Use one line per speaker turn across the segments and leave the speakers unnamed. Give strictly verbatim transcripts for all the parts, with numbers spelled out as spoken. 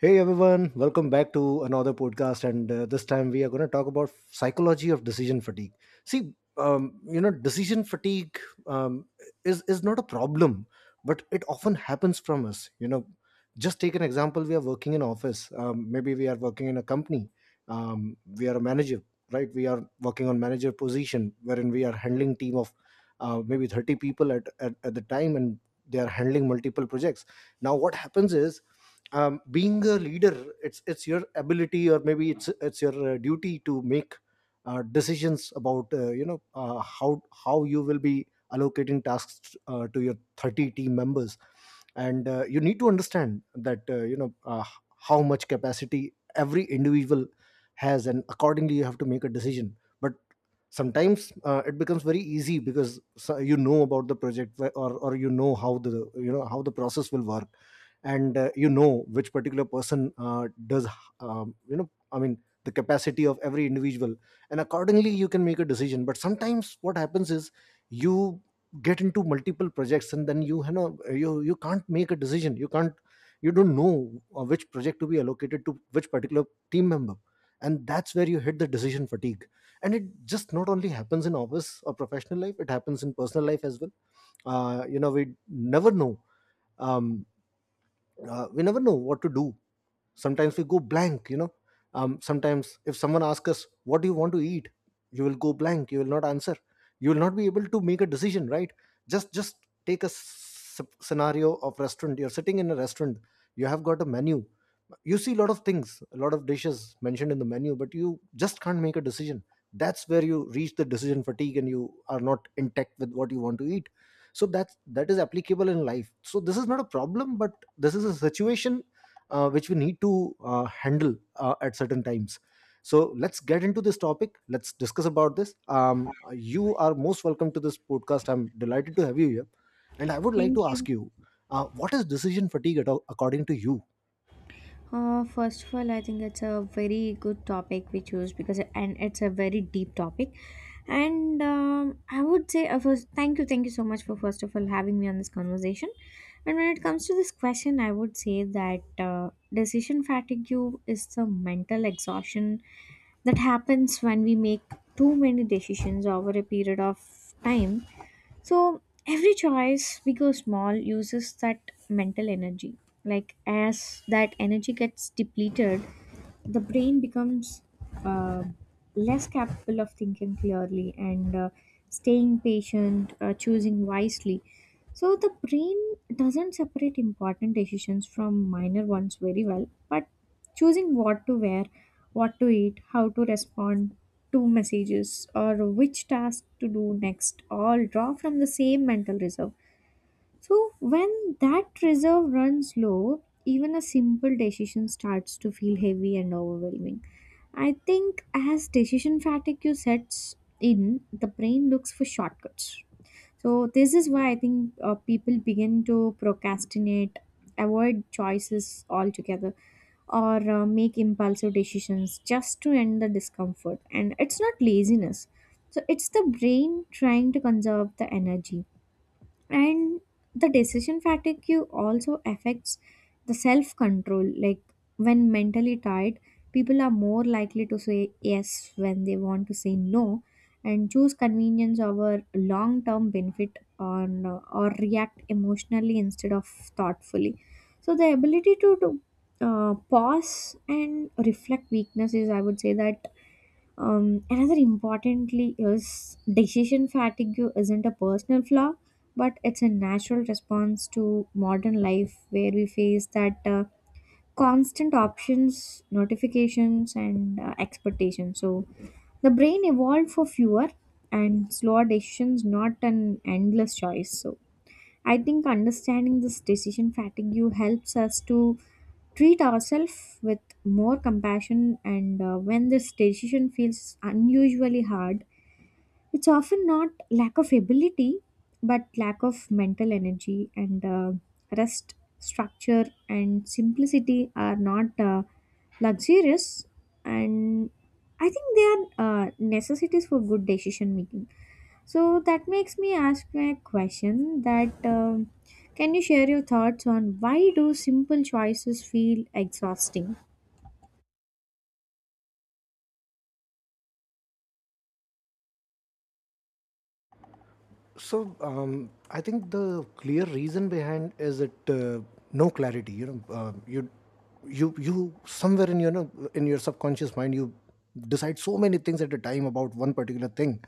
Hey everyone, welcome back to another podcast, and uh, this time we are going to talk about psychology of decision fatigue. See, um, you know, decision fatigue um, is is not a problem, but it often happens from us. You know, just take an example: we are working in office, um, maybe we are working in a company, um, we are a manager, right? We are working on manager position, wherein we are handling team of uh, maybe thirty people at, at at the time, and they are handling multiple projects. Now what happens is, um, being a leader, it's it's your ability, or maybe it's it's your uh, duty to make uh, decisions about uh, you know uh, how how you will be allocating tasks uh, to your thirty team members. And uh, you need to understand that uh, you know uh, how much capacity every individual has, and accordingly you have to make a decision. But sometimes uh, it becomes very easy because so- you know about the project, wh- or or you know how the you know how the process will work. And uh, you know which particular person uh, does, um, you know i mean the capacity of every individual, and accordingly you can make a decision. But sometimes what happens is you get into multiple projects, and then you you know you you can't make a decision, you can't, you don't know uh, which project to be allocated to which particular team member. And that's where you hit the decision fatigue. And it just not only happens in office or professional life, it happens in personal life as well. uh, you know we never know um, uh, we never know what to do. Sometimes we go blank you know um, Sometimes if someone asks us, what do you want to eat, you will go blank, you will not answer, you will not be able to make a decision, right? Just just take a s- scenario of restaurant. You're sitting in a restaurant, you have got a menu, you see a lot of things, a lot of dishes mentioned in the menu, but you just can't make a decision. That's where you reach the decision fatigue, and you are not intact with what you want to eat. So that's that is applicable in life. So this is not a problem, but this is a situation uh, which we need to uh, handle uh, at certain times. So let's get into this topic, let's discuss about this. Um, you are most welcome to this podcast, I'm delighted to have you here. And I would like to
Thank
ask
you.
you, uh, what is decision fatigue at all, according to you?
Uh, first of all, I think it's a very good topic we choose because, and it's a very deep topic. And um, I would say, uh, first, thank you, thank you so much for first of all having me on this conversation. And when it comes to this question, I would say that uh, decision fatigue is the mental exhaustion that happens when we make too many decisions over a period of time. So every choice, big or small, uses that mental energy. Like as that energy gets depleted, the brain becomes uh, less capable of thinking clearly and uh, staying patient, uh, choosing wisely. So the brain doesn't separate important decisions from minor ones very well, but choosing what to wear, what to eat, how to respond to messages, or which task to do next, all draw from the same mental reserve. So, when that reserve runs low, even a simple decision starts to feel heavy and overwhelming. I think as decision fatigue sets in, the brain looks for shortcuts. So, this is why I think uh, people begin to procrastinate, avoid choices altogether, or uh, make impulsive decisions just to end the discomfort. And it's not laziness, so it's the brain trying to conserve the energy. And the decision fatigue also affects the self control, like when mentally tired, people are more likely to say yes when they want to say no, and choose convenience over long term benefit on uh, or react emotionally instead of thoughtfully. So the ability to, to uh, pause and reflect weaknesses, I would say that um, another importantly is decision fatigue isn't a personal flaw, but it's a natural response to modern life where we face that uh, constant options, notifications, and uh, expectations. So the brain evolved for fewer and slower decisions, not an endless choice. So I think understanding this decision fatigue helps us to treat ourselves with more compassion, and uh, when this decision feels unusually hard, it's often not lack of ability but lack of mental energy, and uh, rest, structure and simplicity are not uh, luxurious, and I think they are uh, necessities for good decision making. So that makes me ask a question that um, can you share your thoughts on why do simple choices feel exhausting?
So um, I think the clear reason behind is that, uh, no clarity. You know, uh, you you you somewhere in your know, in your subconscious mind you decide so many things at a time about one particular thing,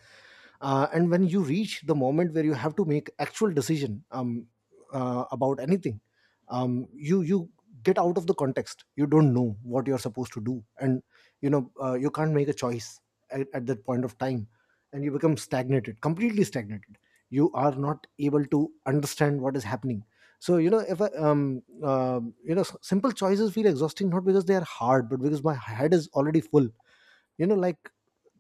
uh, and when you reach the moment where you have to make actual decision um, uh, about anything, um, you you get out of the context. You don't know what you're supposed to do, and you know uh, you can't make a choice at, at that point of time, and you become stagnated, completely stagnated, you are not able to understand what is happening. So, you know if I, um um you know s- simple choices feel exhausting, not because they are hard, but because my head is already full, you know like,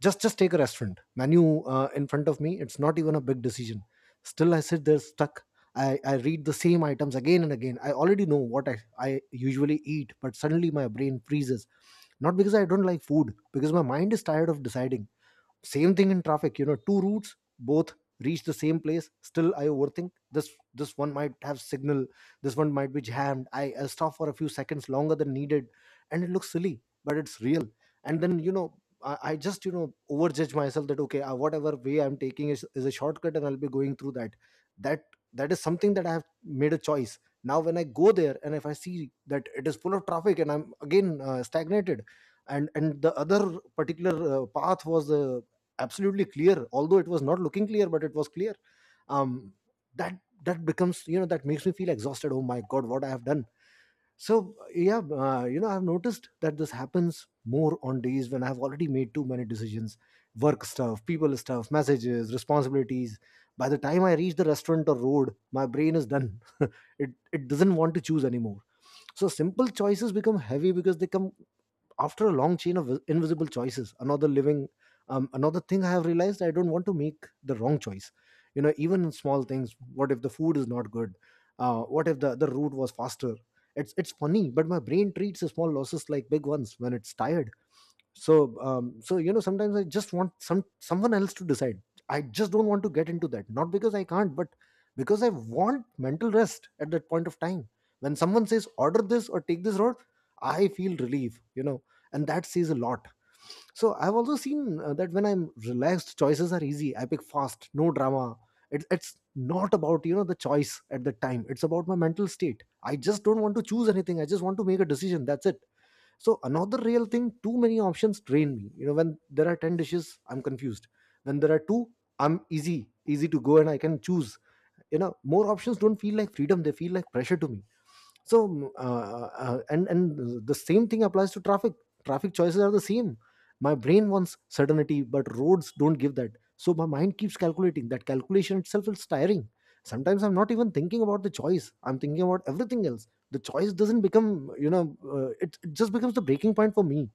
just just take a restaurant menu uh, in front of me, it's not even a big decision. Still I sit there stuck. I, I read the same items again and again. I already know what I, I usually eat, but suddenly my brain freezes, not because I don't like food, because my mind is tired of deciding. Same thing in traffic, you know, two routes, both reach the same place. Still, I overthink. This this one might have signal. This one might be jammed. I, I stop for a few seconds longer than needed, and it looks silly, but it's real. And then, you know, I, I just you know overjudge myself, that okay, uh, whatever way I'm taking is, is a shortcut, and I'll be going through that. That that is something that I have made a choice. Now when I go there and if I see that it is full of traffic, and I'm again uh, stagnated, and and the other particular uh, path was the absolutely clear, although it was not looking clear but it was clear. Um that that becomes you know That makes me feel exhausted. Oh my god, what I have done. So yeah, uh, you know I've noticed that this happens more on days when I've already made too many decisions, work stuff, people stuff, messages, responsibilities. By the time I reach the restaurant or road, my brain is done. it it doesn't want to choose anymore. So simple choices become heavy because they come after a long chain of invisible choices, another living. Um, another thing I have realized, I don't want to make the wrong choice, you know even in small things. What if the food is not good, uh, what if the the route was faster? It's it's funny, but my brain treats the small losses like big ones when it's tired. So, um, so you know sometimes I just want some someone else to decide. I just don't want to get into that, not because I can't, but because I want mental rest at that point of time. When someone says order this or take this road, I feel relief you know and that says a lot. So I've also seen uh, that when I'm relaxed, choices are easy, I pick fast, no drama. It, it's not about, you know the choice at the time, it's about my mental state. I just don't want to choose anything, I just want to make a decision, that's it. So another real thing, too many options drain me you know when there are ten dishes I'm confused, when there are two I'm easy easy to go, and I can choose. You know more options don't feel like freedom, they feel like pressure to me. So, mm, uh, uh, and and the same thing applies to traffic. Traffic choices are the same. My brain wants certainty, but roads don't give that. So my mind keeps calculating, that calculation itself is tiring. Sometimes I'm not even thinking about the choice, I'm thinking about everything else. The choice doesn't become, you know uh, it, it just becomes the breaking point for me.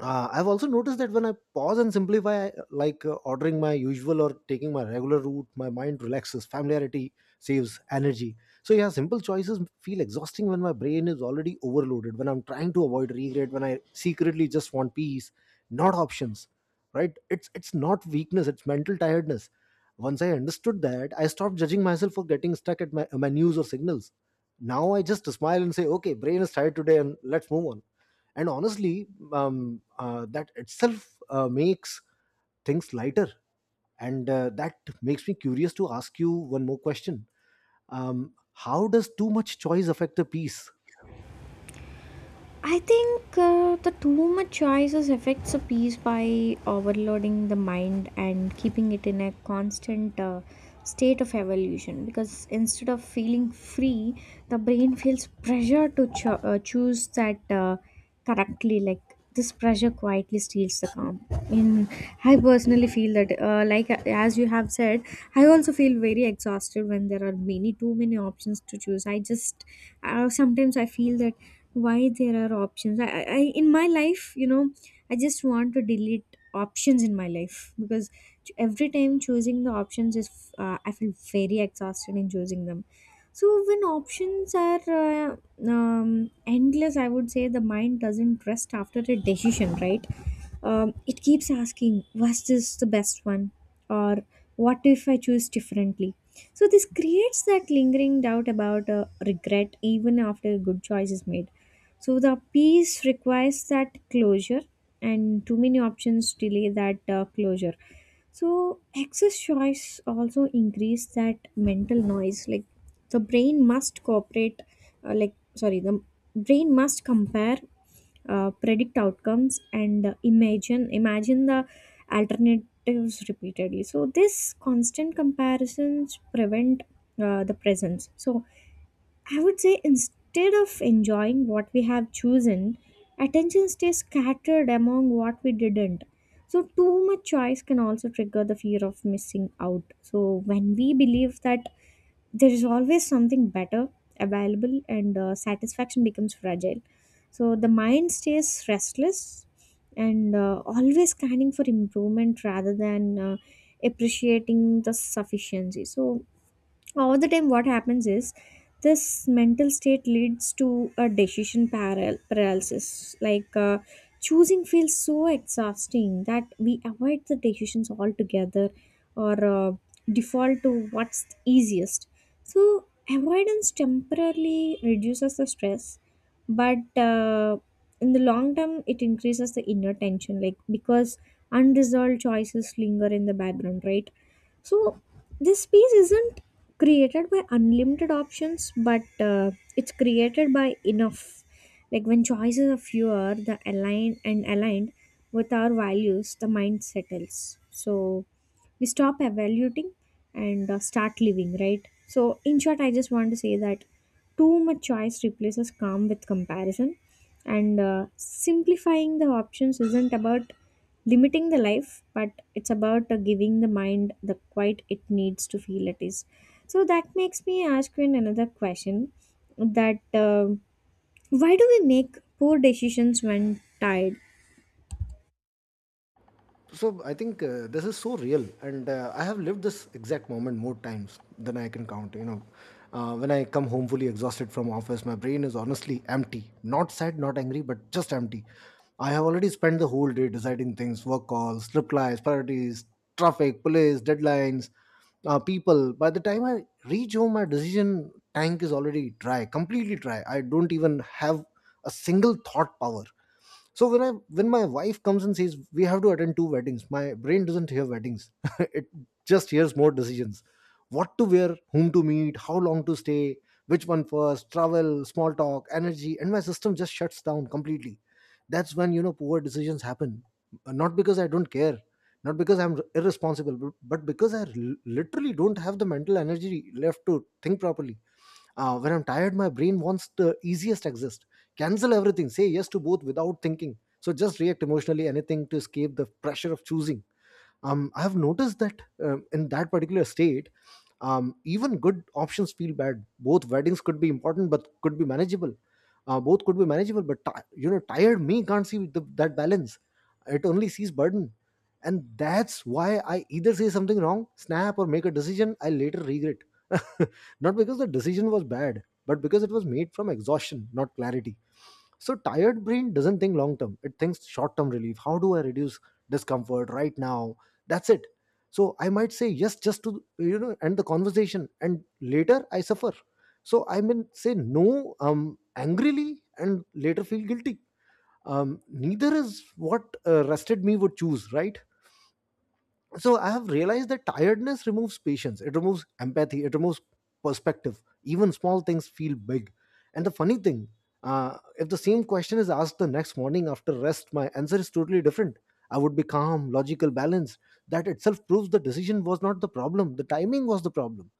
uh, I've also noticed that when I pause and simplify, I- like uh, ordering my usual or taking my regular route, my mind relaxes, familiarity saves energy. So yeah, simple choices feel exhausting when my brain is already overloaded, when I'm trying to avoid regret, when I secretly just want peace, not options, right? It's it's not weakness, it's mental tiredness. Once I understood that, I stopped judging myself for getting stuck at my menus or signals. Now I just smile and say, okay, brain is tired today, and let's move on. And honestly, um, uh, that itself uh, makes things lighter. And uh, that makes me curious to ask you one more question. Um, how does too much choice affect the peace?
I think uh, the too much choices affects a piece by overloading the mind and keeping it in a constant uh, state of evolution. Because instead of feeling free, the brain feels pressure to cho- uh, choose that uh, correctly. Like this pressure quietly steals the calm. In I personally feel that, uh, like, uh, as you have said, I also feel very exhausted when there are many too many options to choose. I just, uh, sometimes I feel that why there are options I, I I- in my life. You know i just want to delete options in my life, because ch- every time choosing the options is, uh, I feel very exhausted in choosing them. So when options are uh, um, endless, I would say the mind doesn't rest after a decision, right? Um, it keeps asking, was this the best one? Or what if I choose differently? So this creates that lingering doubt about uh, regret even after a good choice is made. So the peace requires that closure, and too many options delay that uh, closure. So excess choice also increase that mental noise. Like the brain must cooperate. Uh, like, sorry, the brain must compare, uh, predict outcomes, and uh, imagine imagine the alternatives repeatedly. So this constant comparisons prevent uh, the presence. So I would say instead of enjoying what we have chosen, attention stays scattered among what we didn't. So, too much choice can also trigger the fear of missing out. So, when we believe that there is always something better available, and uh, satisfaction becomes fragile. So, the mind stays restless and uh, always scanning for improvement rather than uh, appreciating the sufficiency. So, all the time, what happens is this mental state leads to a decision paral- paralysis. Like uh, choosing feels so exhausting that we avoid the decisions altogether or uh, default to what's easiest. So, avoidance temporarily reduces the stress, but uh, in the long term, it increases the inner tension, like because unresolved choices linger in the background, right? So this space isn't created by unlimited options, but uh, it's created by enough. Like when choices are fewer, the aligned and aligned with our values, the mind settles. So we stop evaluating and uh, start living, right? So in short, I just want to say that too much choice replaces calm with comparison, and uh, simplifying the options isn't about limiting the life, but it's about uh, giving the mind the quiet it needs to feel at ease. So that makes me ask you in another question that uh, why do we make poor decisions when tired?
So I think uh, this is so real, and uh, I have lived this exact moment more times than I can count you know uh, When I come home fully exhausted from office, my brain is honestly empty, not sad, not angry, but just empty. I have already spent the whole day deciding things, work calls, replies, priorities, traffic police, deadlines, uh, people. By the time I reach home, my decision tank is already dry, completely dry, I don't even have a single thought power. So when i when my wife comes and says we have to attend two weddings, my brain doesn't hear weddings, it just hears more decisions. What to wear, whom to meet, how long to stay, which one first, travel, small talk, energy, and my system just shuts down completely. That's when, you know poor decisions happen. Uh, not because I don't care, not because I'm irresponsible, but but because I l- literally don't have the mental energy left to think properly. Uh, when I'm tired, my brain wants the easiest exist. Cancel everything. Say yes to both without thinking. So just react emotionally, anything to escape the pressure of choosing. um, I have noticed that, um, in that particular state, um, even good options feel bad. Both weddings could be important but could be manageable. Uh, both could be manageable, but ti you know tired me can't see the, that balance. It only sees burden. And that's why I either say something wrong, snap, or make a decision I later regret. Not because the decision was bad, but because it was made from exhaustion, not clarity. So tired brain doesn't think long term. It thinks short term relief. How do I reduce discomfort right now? That's it. So I might say yes just to you know end the conversation and later I suffer. So I may say no, um angrily, and later feel guilty. Um neither is what uh, rested me would choose, right? So I have realized that tiredness removes patience, it removes empathy, it removes perspective. Even small things feel big. And the funny thing, uh, if the same question is asked the next morning after rest, my answer is totally different. I would be calm, logical, balanced. That itself proves the decision was not the problem, the timing was the problem.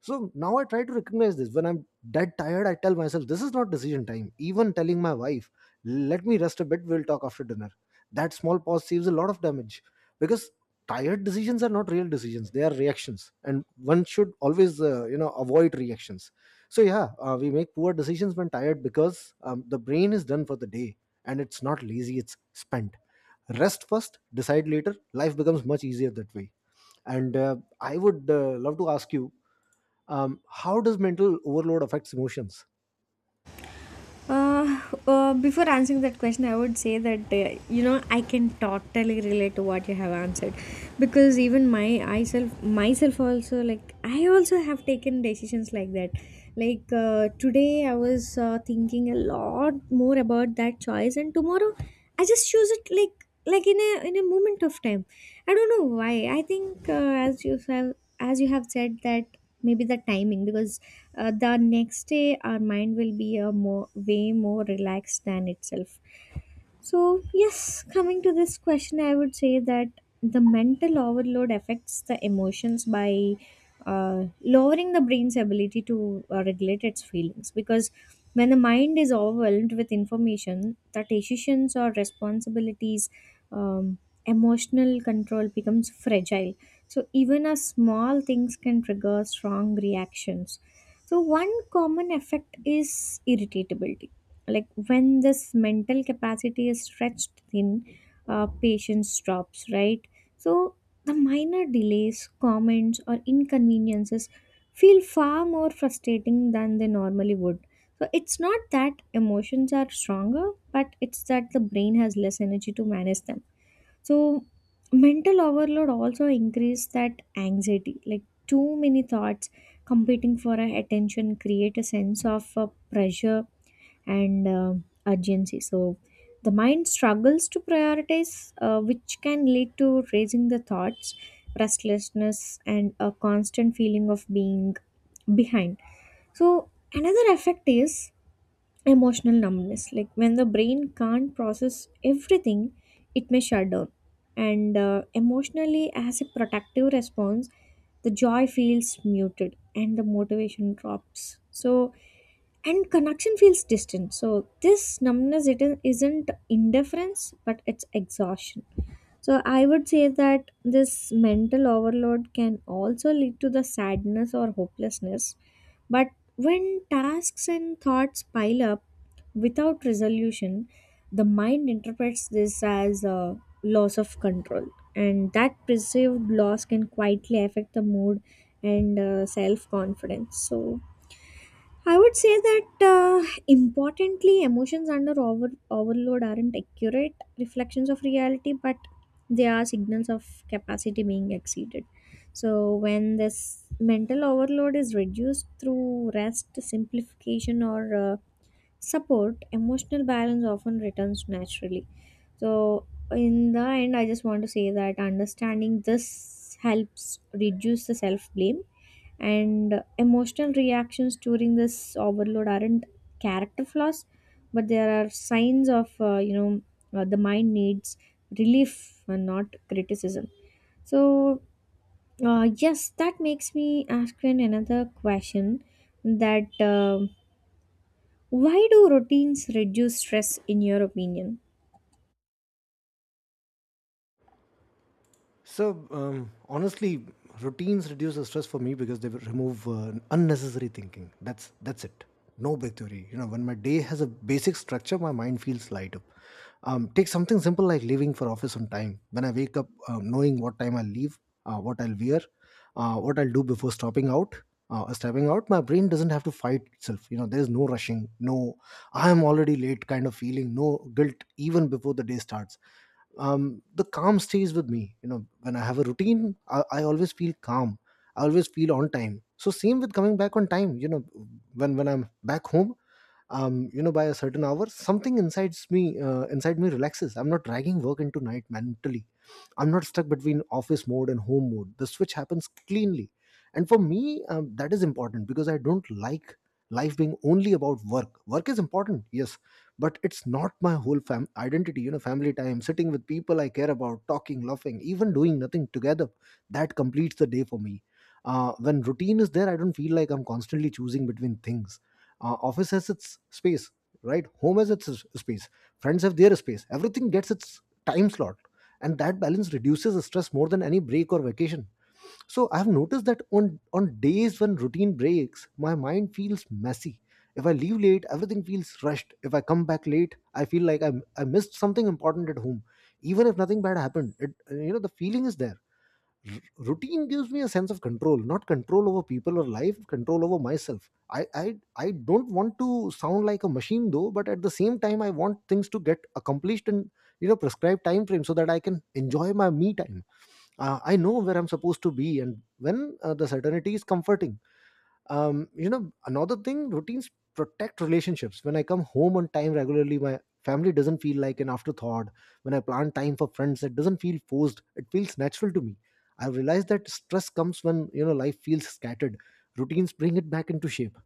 So now I try to recognize this. When I'm dead tired, I tell myself, this is not decision time. Even telling my wife, let me rest a bit, we'll talk after dinner. That small pause saves a lot of damage because tired decisions are not real decisions, they are reactions. And one should always, uh, you know, avoid reactions. So, yeah, uh, we make poor decisions when tired because um, the brain is done for the day, and it's not lazy, it's spent. Rest first, decide later. Life becomes much easier that way. And uh, I would uh, love to ask you, um, how does mental overload affects emotions?
Uh, uh, Before answering that question, I would say that uh, you know I can totally relate to what you have answered, because even my I self myself also, like, I also have taken decisions like that. Like uh, today, I was uh, thinking a lot more about that choice, and tomorrow, I just choose it like like in a in a moment of time. I don't know why. I think uh, as you have as you have said that maybe the timing, because uh, the next day our mind will be a more way more relaxed than itself. So, yes, coming to this question, I would say that the mental overload affects the emotions by uh, lowering the brain's ability to uh, regulate its feelings. Because when the mind is overwhelmed with information, the decisions or responsibilities, um, emotional control becomes fragile. So, even a small things can trigger strong reactions. So, one common effect is irritability, like when this mental capacity is stretched thin, uh, patience drops, right? So the minor delays, comments or inconveniences feel far more frustrating than they normally would. So it's not that emotions are stronger, but it's that the brain has less energy to manage them. So mental overload also increase that anxiety, like too many thoughts competing for our attention create a sense of uh, pressure and uh, urgency. So the mind struggles to prioritize, uh, which can lead to raising the thoughts, restlessness, and a constant feeling of being behind. So another effect is emotional numbness. Like when the brain can't process everything, it may shut down. And uh, emotionally, as a protective response, the joy feels muted and the motivation drops. So and connection feels distant. So this numbness it is- isn't indifference, but it's exhaustion. So I would say that this mental overload can also lead to the sadness or hopelessness, but when tasks and thoughts pile up without resolution, the mind interprets this as a loss of control, and that perceived loss can quietly affect the mood and uh, self confidence. So I would say that uh, importantly, emotions under over- overload aren't accurate reflections of reality, but they are signals of capacity being exceeded. So, when this mental overload is reduced through rest, simplification, or uh, support, emotional balance often returns naturally. So, in the end, I just want to say that understanding this helps reduce the self blame, and emotional reactions during this overload aren't character flaws, but there are signs of uh, you know uh, the mind needs relief and not criticism. So uh, yes, that makes me ask you another question that, um why do routines reduce stress in your opinion?
So, um, honestly, routines reduce the stress for me because they remove uh, unnecessary thinking. That's that's it. No big theory. You know, when my day has a basic structure, my mind feels lighter. Um, take something simple like leaving for office on time. When I wake up, um, knowing what time I'll leave, uh, what I'll wear, uh, what I'll do before stopping out, uh, stepping out, my brain doesn't have to fight itself. You know, there's no rushing, no, I am already late kind of feeling, no guilt even before the day starts. Um, the calm stays with me. You know, when I have a routine, I, I always feel calm. I always feel on time. So, same with coming back on time. You know, when when I'm back home, um, you know by a certain hour, something inside me uh, inside me relaxes. I'm not dragging work into night mentally, I'm not stuck between office mode and home mode, the switch happens cleanly. And for me, um, that is important because I don't like life being only about work. Work is important, yes, but it's not my whole fam- identity. You know, family time, sitting with people I care about, talking, laughing, even doing nothing together, that completes the day for me. Uh, when routine is there, I don't feel like I'm constantly choosing between things. Uh, office has its space, right? Home has its s- space. Friends have their space. Everything gets its time slot, and that balance reduces the stress more than any break or vacation. So I've noticed that on on days when routine breaks, my mind feels messy. If I leave late, everything feels rushed. If I come back late, I feel like I I missed something important at home, even if nothing bad happened. It, you know the feeling is there. R- routine gives me a sense of control, not control over people or life, control over myself. I, I i don't want to sound like a machine, though, but at the same time I want things to get accomplished in, you know prescribed time frame, so that I can enjoy my me time. uh, I know where I'm supposed to be and when. Uh, the certainty is comforting. Um you know another thing, routines protect relationships. When I come home on time regularly, my family doesn't feel like an afterthought. When I plan time for friends, it doesn't feel forced, it feels natural to me. I realize that stress comes when, you know life feels scattered. Routines bring it back into shape.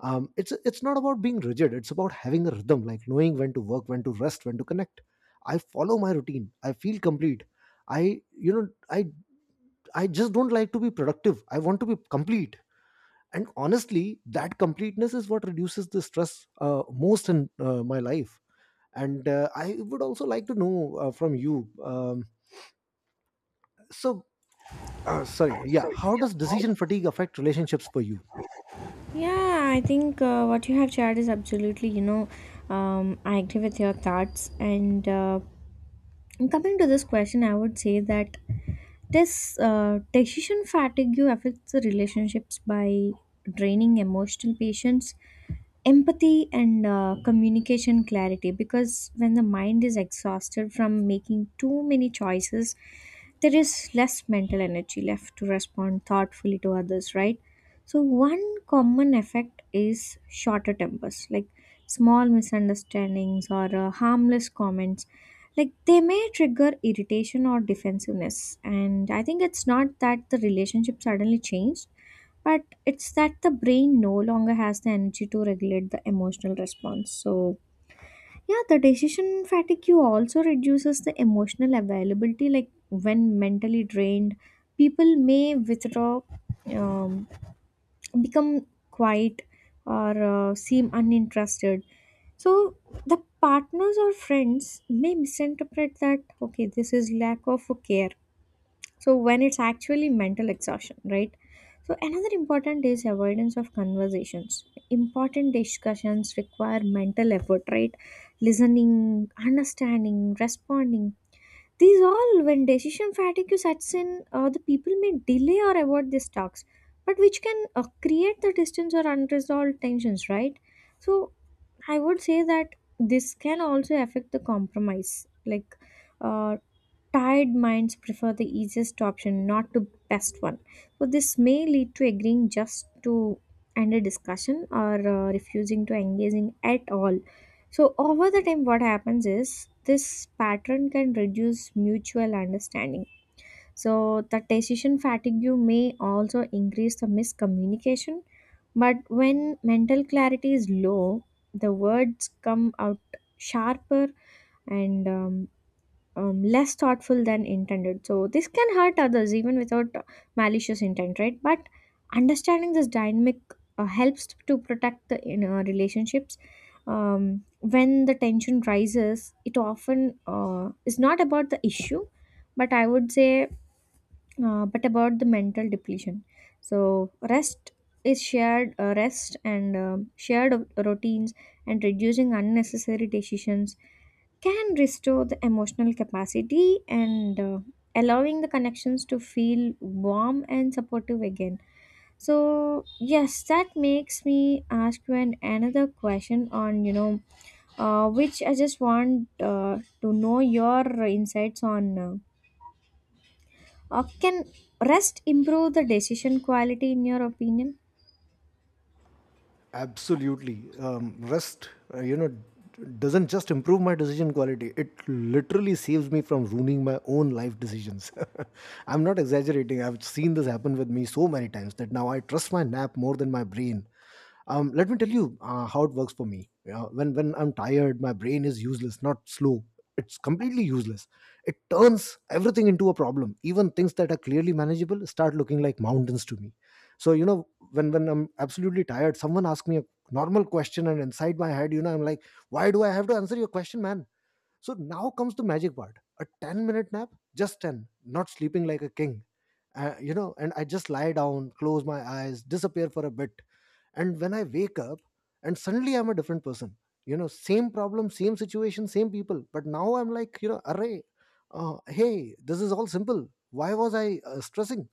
Um it's it's not about being rigid, it's about having a rhythm, like knowing when to work, when to rest, when to connect. I follow my routine, I feel complete. I you know i i just don't like to be productive, I want to be complete. And honestly, that completeness is what reduces the stress uh, most in uh, my life. And uh, I would also like to know uh, from you, um, so, uh, sorry, yeah, how does decision fatigue affect relationships for you?
Yeah, I think uh, what you have shared is absolutely, you know, um, I agree with your thoughts. And uh, coming to this question, I would say that this uh, decision fatigue affects the relationships by draining emotional patience, empathy and uh, communication clarity, because when the mind is exhausted from making too many choices, there is less mental energy left to respond thoughtfully to others, right? So one common effect is shorter tempers, like small misunderstandings or uh, harmless comments, like they may trigger irritation or defensiveness. And I think it's not that the relationship suddenly changed, but it's that the brain no longer has the energy to regulate the emotional response. So yeah, the decision fatigue you also reduces the emotional availability, like when mentally drained, people may withdraw, um, become quiet, or uh, seem uninterested. So the partners or friends may misinterpret that okay, this is lack of care. So when it's actually mental exhaustion, right? So another important is avoidance of conversations. Important discussions require mental effort, right? Listening, understanding, responding, these all, when decision fatigue sets in, uh, the people may delay or avoid these talks, but which can uh, create the distance or unresolved tensions, right? So I would say that this can also affect the compromise, like uh, tired minds prefer the easiest option, not the best one. So, this may lead to agreeing just to end a discussion, or uh, refusing to engaging at all. So, over the time, what happens is this pattern can reduce mutual understanding. So, the decision fatigue may also increase the miscommunication. But when mental clarity is low, the words come out sharper and um, um, less thoughtful than intended. So this can hurt others even without uh, malicious intent, right? But understanding this dynamic uh, helps to protect the inner relationships. Um, when the tension rises, it often uh, is not about the issue, but I would say, uh, but about the mental depletion. So rest is shared, uh, rest and um shared routines and reducing unnecessary decisions can restore the emotional capacity, and uh, allowing the connections to feel warm and supportive again. So yes, that makes me ask you an another question on, you know uh, which I just want, uh, to know your insights on, uh, uh, can rest improve the decision quality in your opinion?
Absolutely. Um, rest, uh, you know, doesn't just improve my decision quality, it literally saves me from ruining my own life decisions. I'm not exaggerating. I've seen this happen with me so many times that now I trust my nap more than my brain. Um, let me tell you uh, how it works for me. Yeah, when, when I'm tired, my brain is useless, not slow. It's completely useless. It turns everything into a problem. Even things that are clearly manageable start looking like mountains to me. So, you know, when when I'm absolutely tired, someone asks me a normal question and inside my head, you know, I'm like, why do I have to answer your question, man? So now comes the magic part, a ten minute nap, just ten, not sleeping like a king. Uh, you know, and I just lie down, close my eyes, disappear for a bit. And when I wake up, and suddenly I'm a different person. You know, same problem, same situation, same people, but now I'm like, you know, array, uh, hey, this is all simple. Why was I uh, stressing?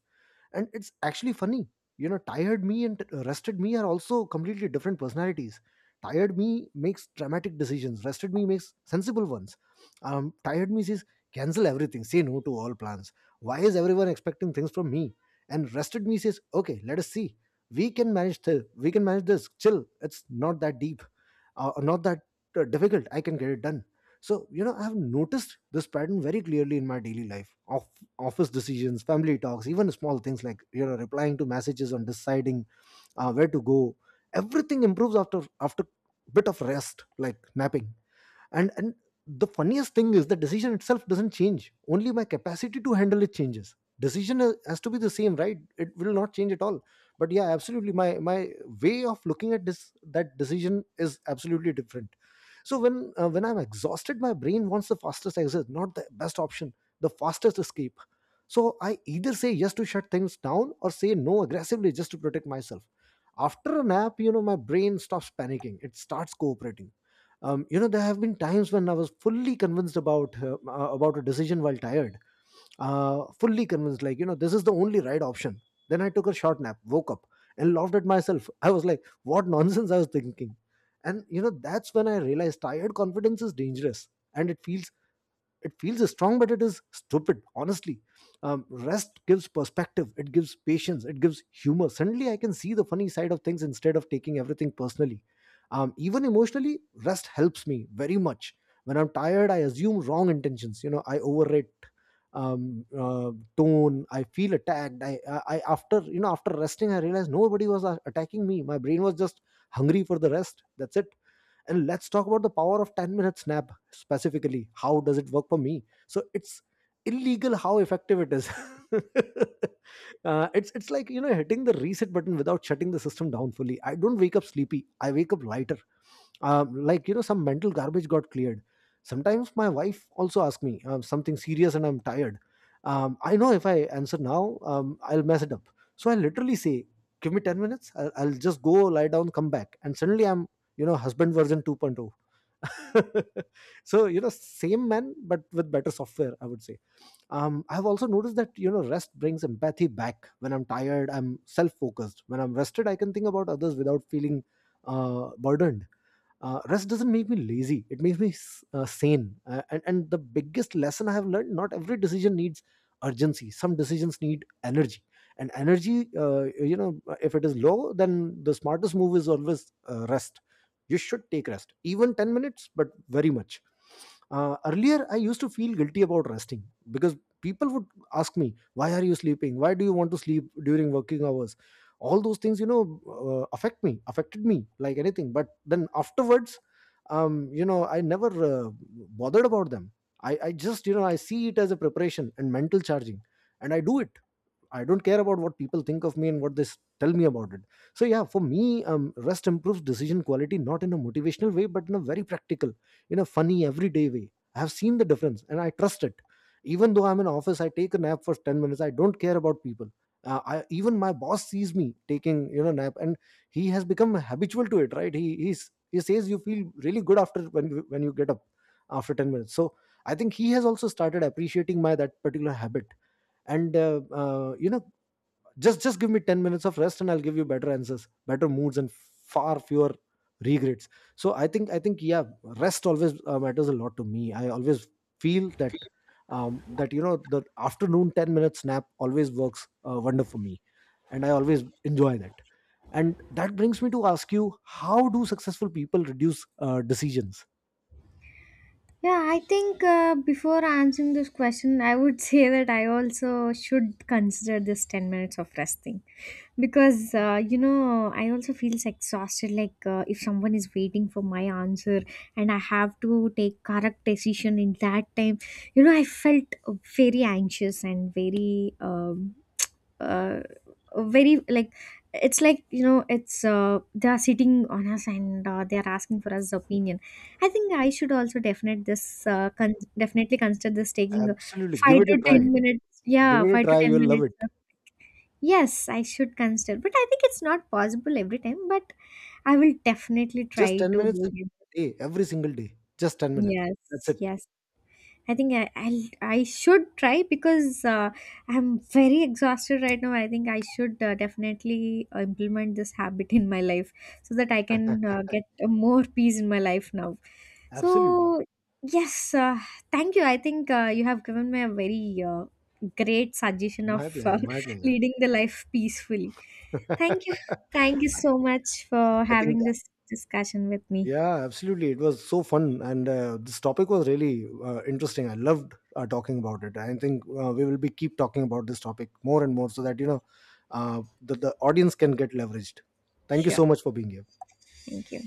And it's actually funny, you know, tired me and t- uh, rested me are also completely different personalities. Tired me makes dramatic decisions, rested me makes sensible ones. Um, tired me says, cancel everything, say no to all plans, why is everyone expecting things from me? And rested me says, okay, let us see, we can manage th- we can manage this, chill, it's not that deep. Uh, not that uh, difficult, I can get it done. So, you know, I have noticed this pattern very clearly in my daily life, of office decisions, family talks, even small things like, you know, replying to messages and deciding uh, where to go. Everything improves after after bit of rest, like napping. And and the funniest thing is, the decision itself doesn't change, only my capacity to handle it changes. Decision uh, has to be the same, right, it will not change at all. But yeah, absolutely, my my way of looking at this, that decision is absolutely different. So when uh, when I'm exhausted, my brain wants the fastest exit, not the best option, the fastest escape. So I either say yes to shut things down or say no aggressively just to protect myself. After a nap, you know, my brain stops panicking, it starts cooperating. Um, you know, there have been times when I was fully convinced about uh, uh, about a decision while tired, uh, fully convinced, like, you know, this is the only right option. Then I took a short nap, woke up, and laughed at myself. I was like, "What nonsense I was thinking!" And you know, that's when I realized tired confidence is dangerous, and it feels it feels strong but it is stupid, honestly. Um, rest gives perspective, it gives patience, it gives humor. Suddenly I can see the funny side of things instead of taking everything personally. Um, even emotionally, rest helps me very much. When I'm tired, I assume wrong intentions, you know, I overrate um, uh, tone, I feel attacked. I, I I after you know after resting, I realized nobody was uh, attacking me, my brain was just hungry for the rest, that's it. And let's talk about the power of ten minute snap specifically. How does it work for me? So it's illegal how effective it is. uh, it's it's like, you know, hitting the reset button without shutting the system down fully. I don't wake up sleepy. I wake up lighter. Um, like, you know, some mental garbage got cleared. Sometimes my wife also asks me um, something serious and I'm tired. um, I know if I answer now, um, I'll mess it up. So I literally say, give me ten minutes, I'll, I'll just go lie down, come back, and suddenly I'm, you know, husband version 2.0. So, you know, same man but with better software, I would say. um, I've also noticed that, you know, rest brings empathy back. When I'm tired, I'm self-focused. When I'm rested, I can think about others without feeling uh, burdened. Uh, rest doesn't make me lazy, it makes me s- uh, sane. uh, and, and the biggest lesson I have learned, not every decision needs urgency, some decisions need energy. And energy, uh, you know if it is low, then the smartest move is always uh, rest. You should take rest, even ten minutes, but very much. Uh, earlier I used to feel guilty about resting because people would ask me, why are you sleeping, why do you want to sleep during working hours, all those things, you know, uh, affect me affected me like anything. But then afterwards, um you know I never uh, bothered about them. I I just, you know, I see it as a preparation and mental charging, and I do it. I don't care about what people think of me and what they s- tell me about it. So yeah, for me, um, rest improves decision quality, not in a motivational way, but in a very practical, in a funny, everyday way. I have seen the difference, and I trust it. Even though I'm in office, I take a nap for ten minutes. I don't care about people. Uh, I, even my boss sees me taking, you know, nap, and he has become habitual to it. Right? He he's, he says you feel really good after when you- when you get up after ten minutes. So I think he has also started appreciating my that particular habit. And uh, uh, you know, just just give me ten minutes of rest and I'll give you better answers, better moods, and far fewer regrets. So i think i think, yeah, rest always uh, matters a lot to me. I always feel that, um, that you know, the afternoon ten minute nap always works uh, wonder for me, and I always enjoy that. And that brings me to ask you, how do successful people reduce uh, decisions?
Yeah, I think uh, before answering this question, I would say that I also should consider this ten minutes of rest thing. Because, uh, you know, I also feels exhausted, like uh, if someone is waiting for my answer and I have to take correct decision in that time, you know, I felt very anxious and very um, uh, very like, it's like, you know it's uh, they are sitting on us, and uh, they are asking for us opinion. I think I should also definite this uh, con- definitely consider this, taking
Absolutely, give
five
it a
to
try.
ten minutes.
Give
Yeah,
it a
five to
try,
ten
you'll love
minutes.
it.
Yes, I should consider, but I think it's not possible every time, but I will definitely try
Just ten
to.
minutes a day, every single day. Just ten minutes, that's
Yes,
it.
yes. I think I I'll, I should try because uh, I'm very exhausted right now. I think I should uh, definitely uh, implement this habit in my life so that I can uh, get uh, more peace in my life now.
Absolutely.
So yes, uh, thank you. I think uh, you have given me a very uh, great suggestion of
My
uh,
pleasure. My pleasure.
leading the life peacefully. Thank you. Thank you so much for
I think,
having this discussion with me.
yeah, absolutely. It was so fun. And uh, this topic was really uh, interesting. I loved uh, talking about it. I think uh, we will be keep talking about this topic more and more so that, you know, uh, the, the audience can get leveraged. Thank you
Sure.
so much for being here.
Thank you.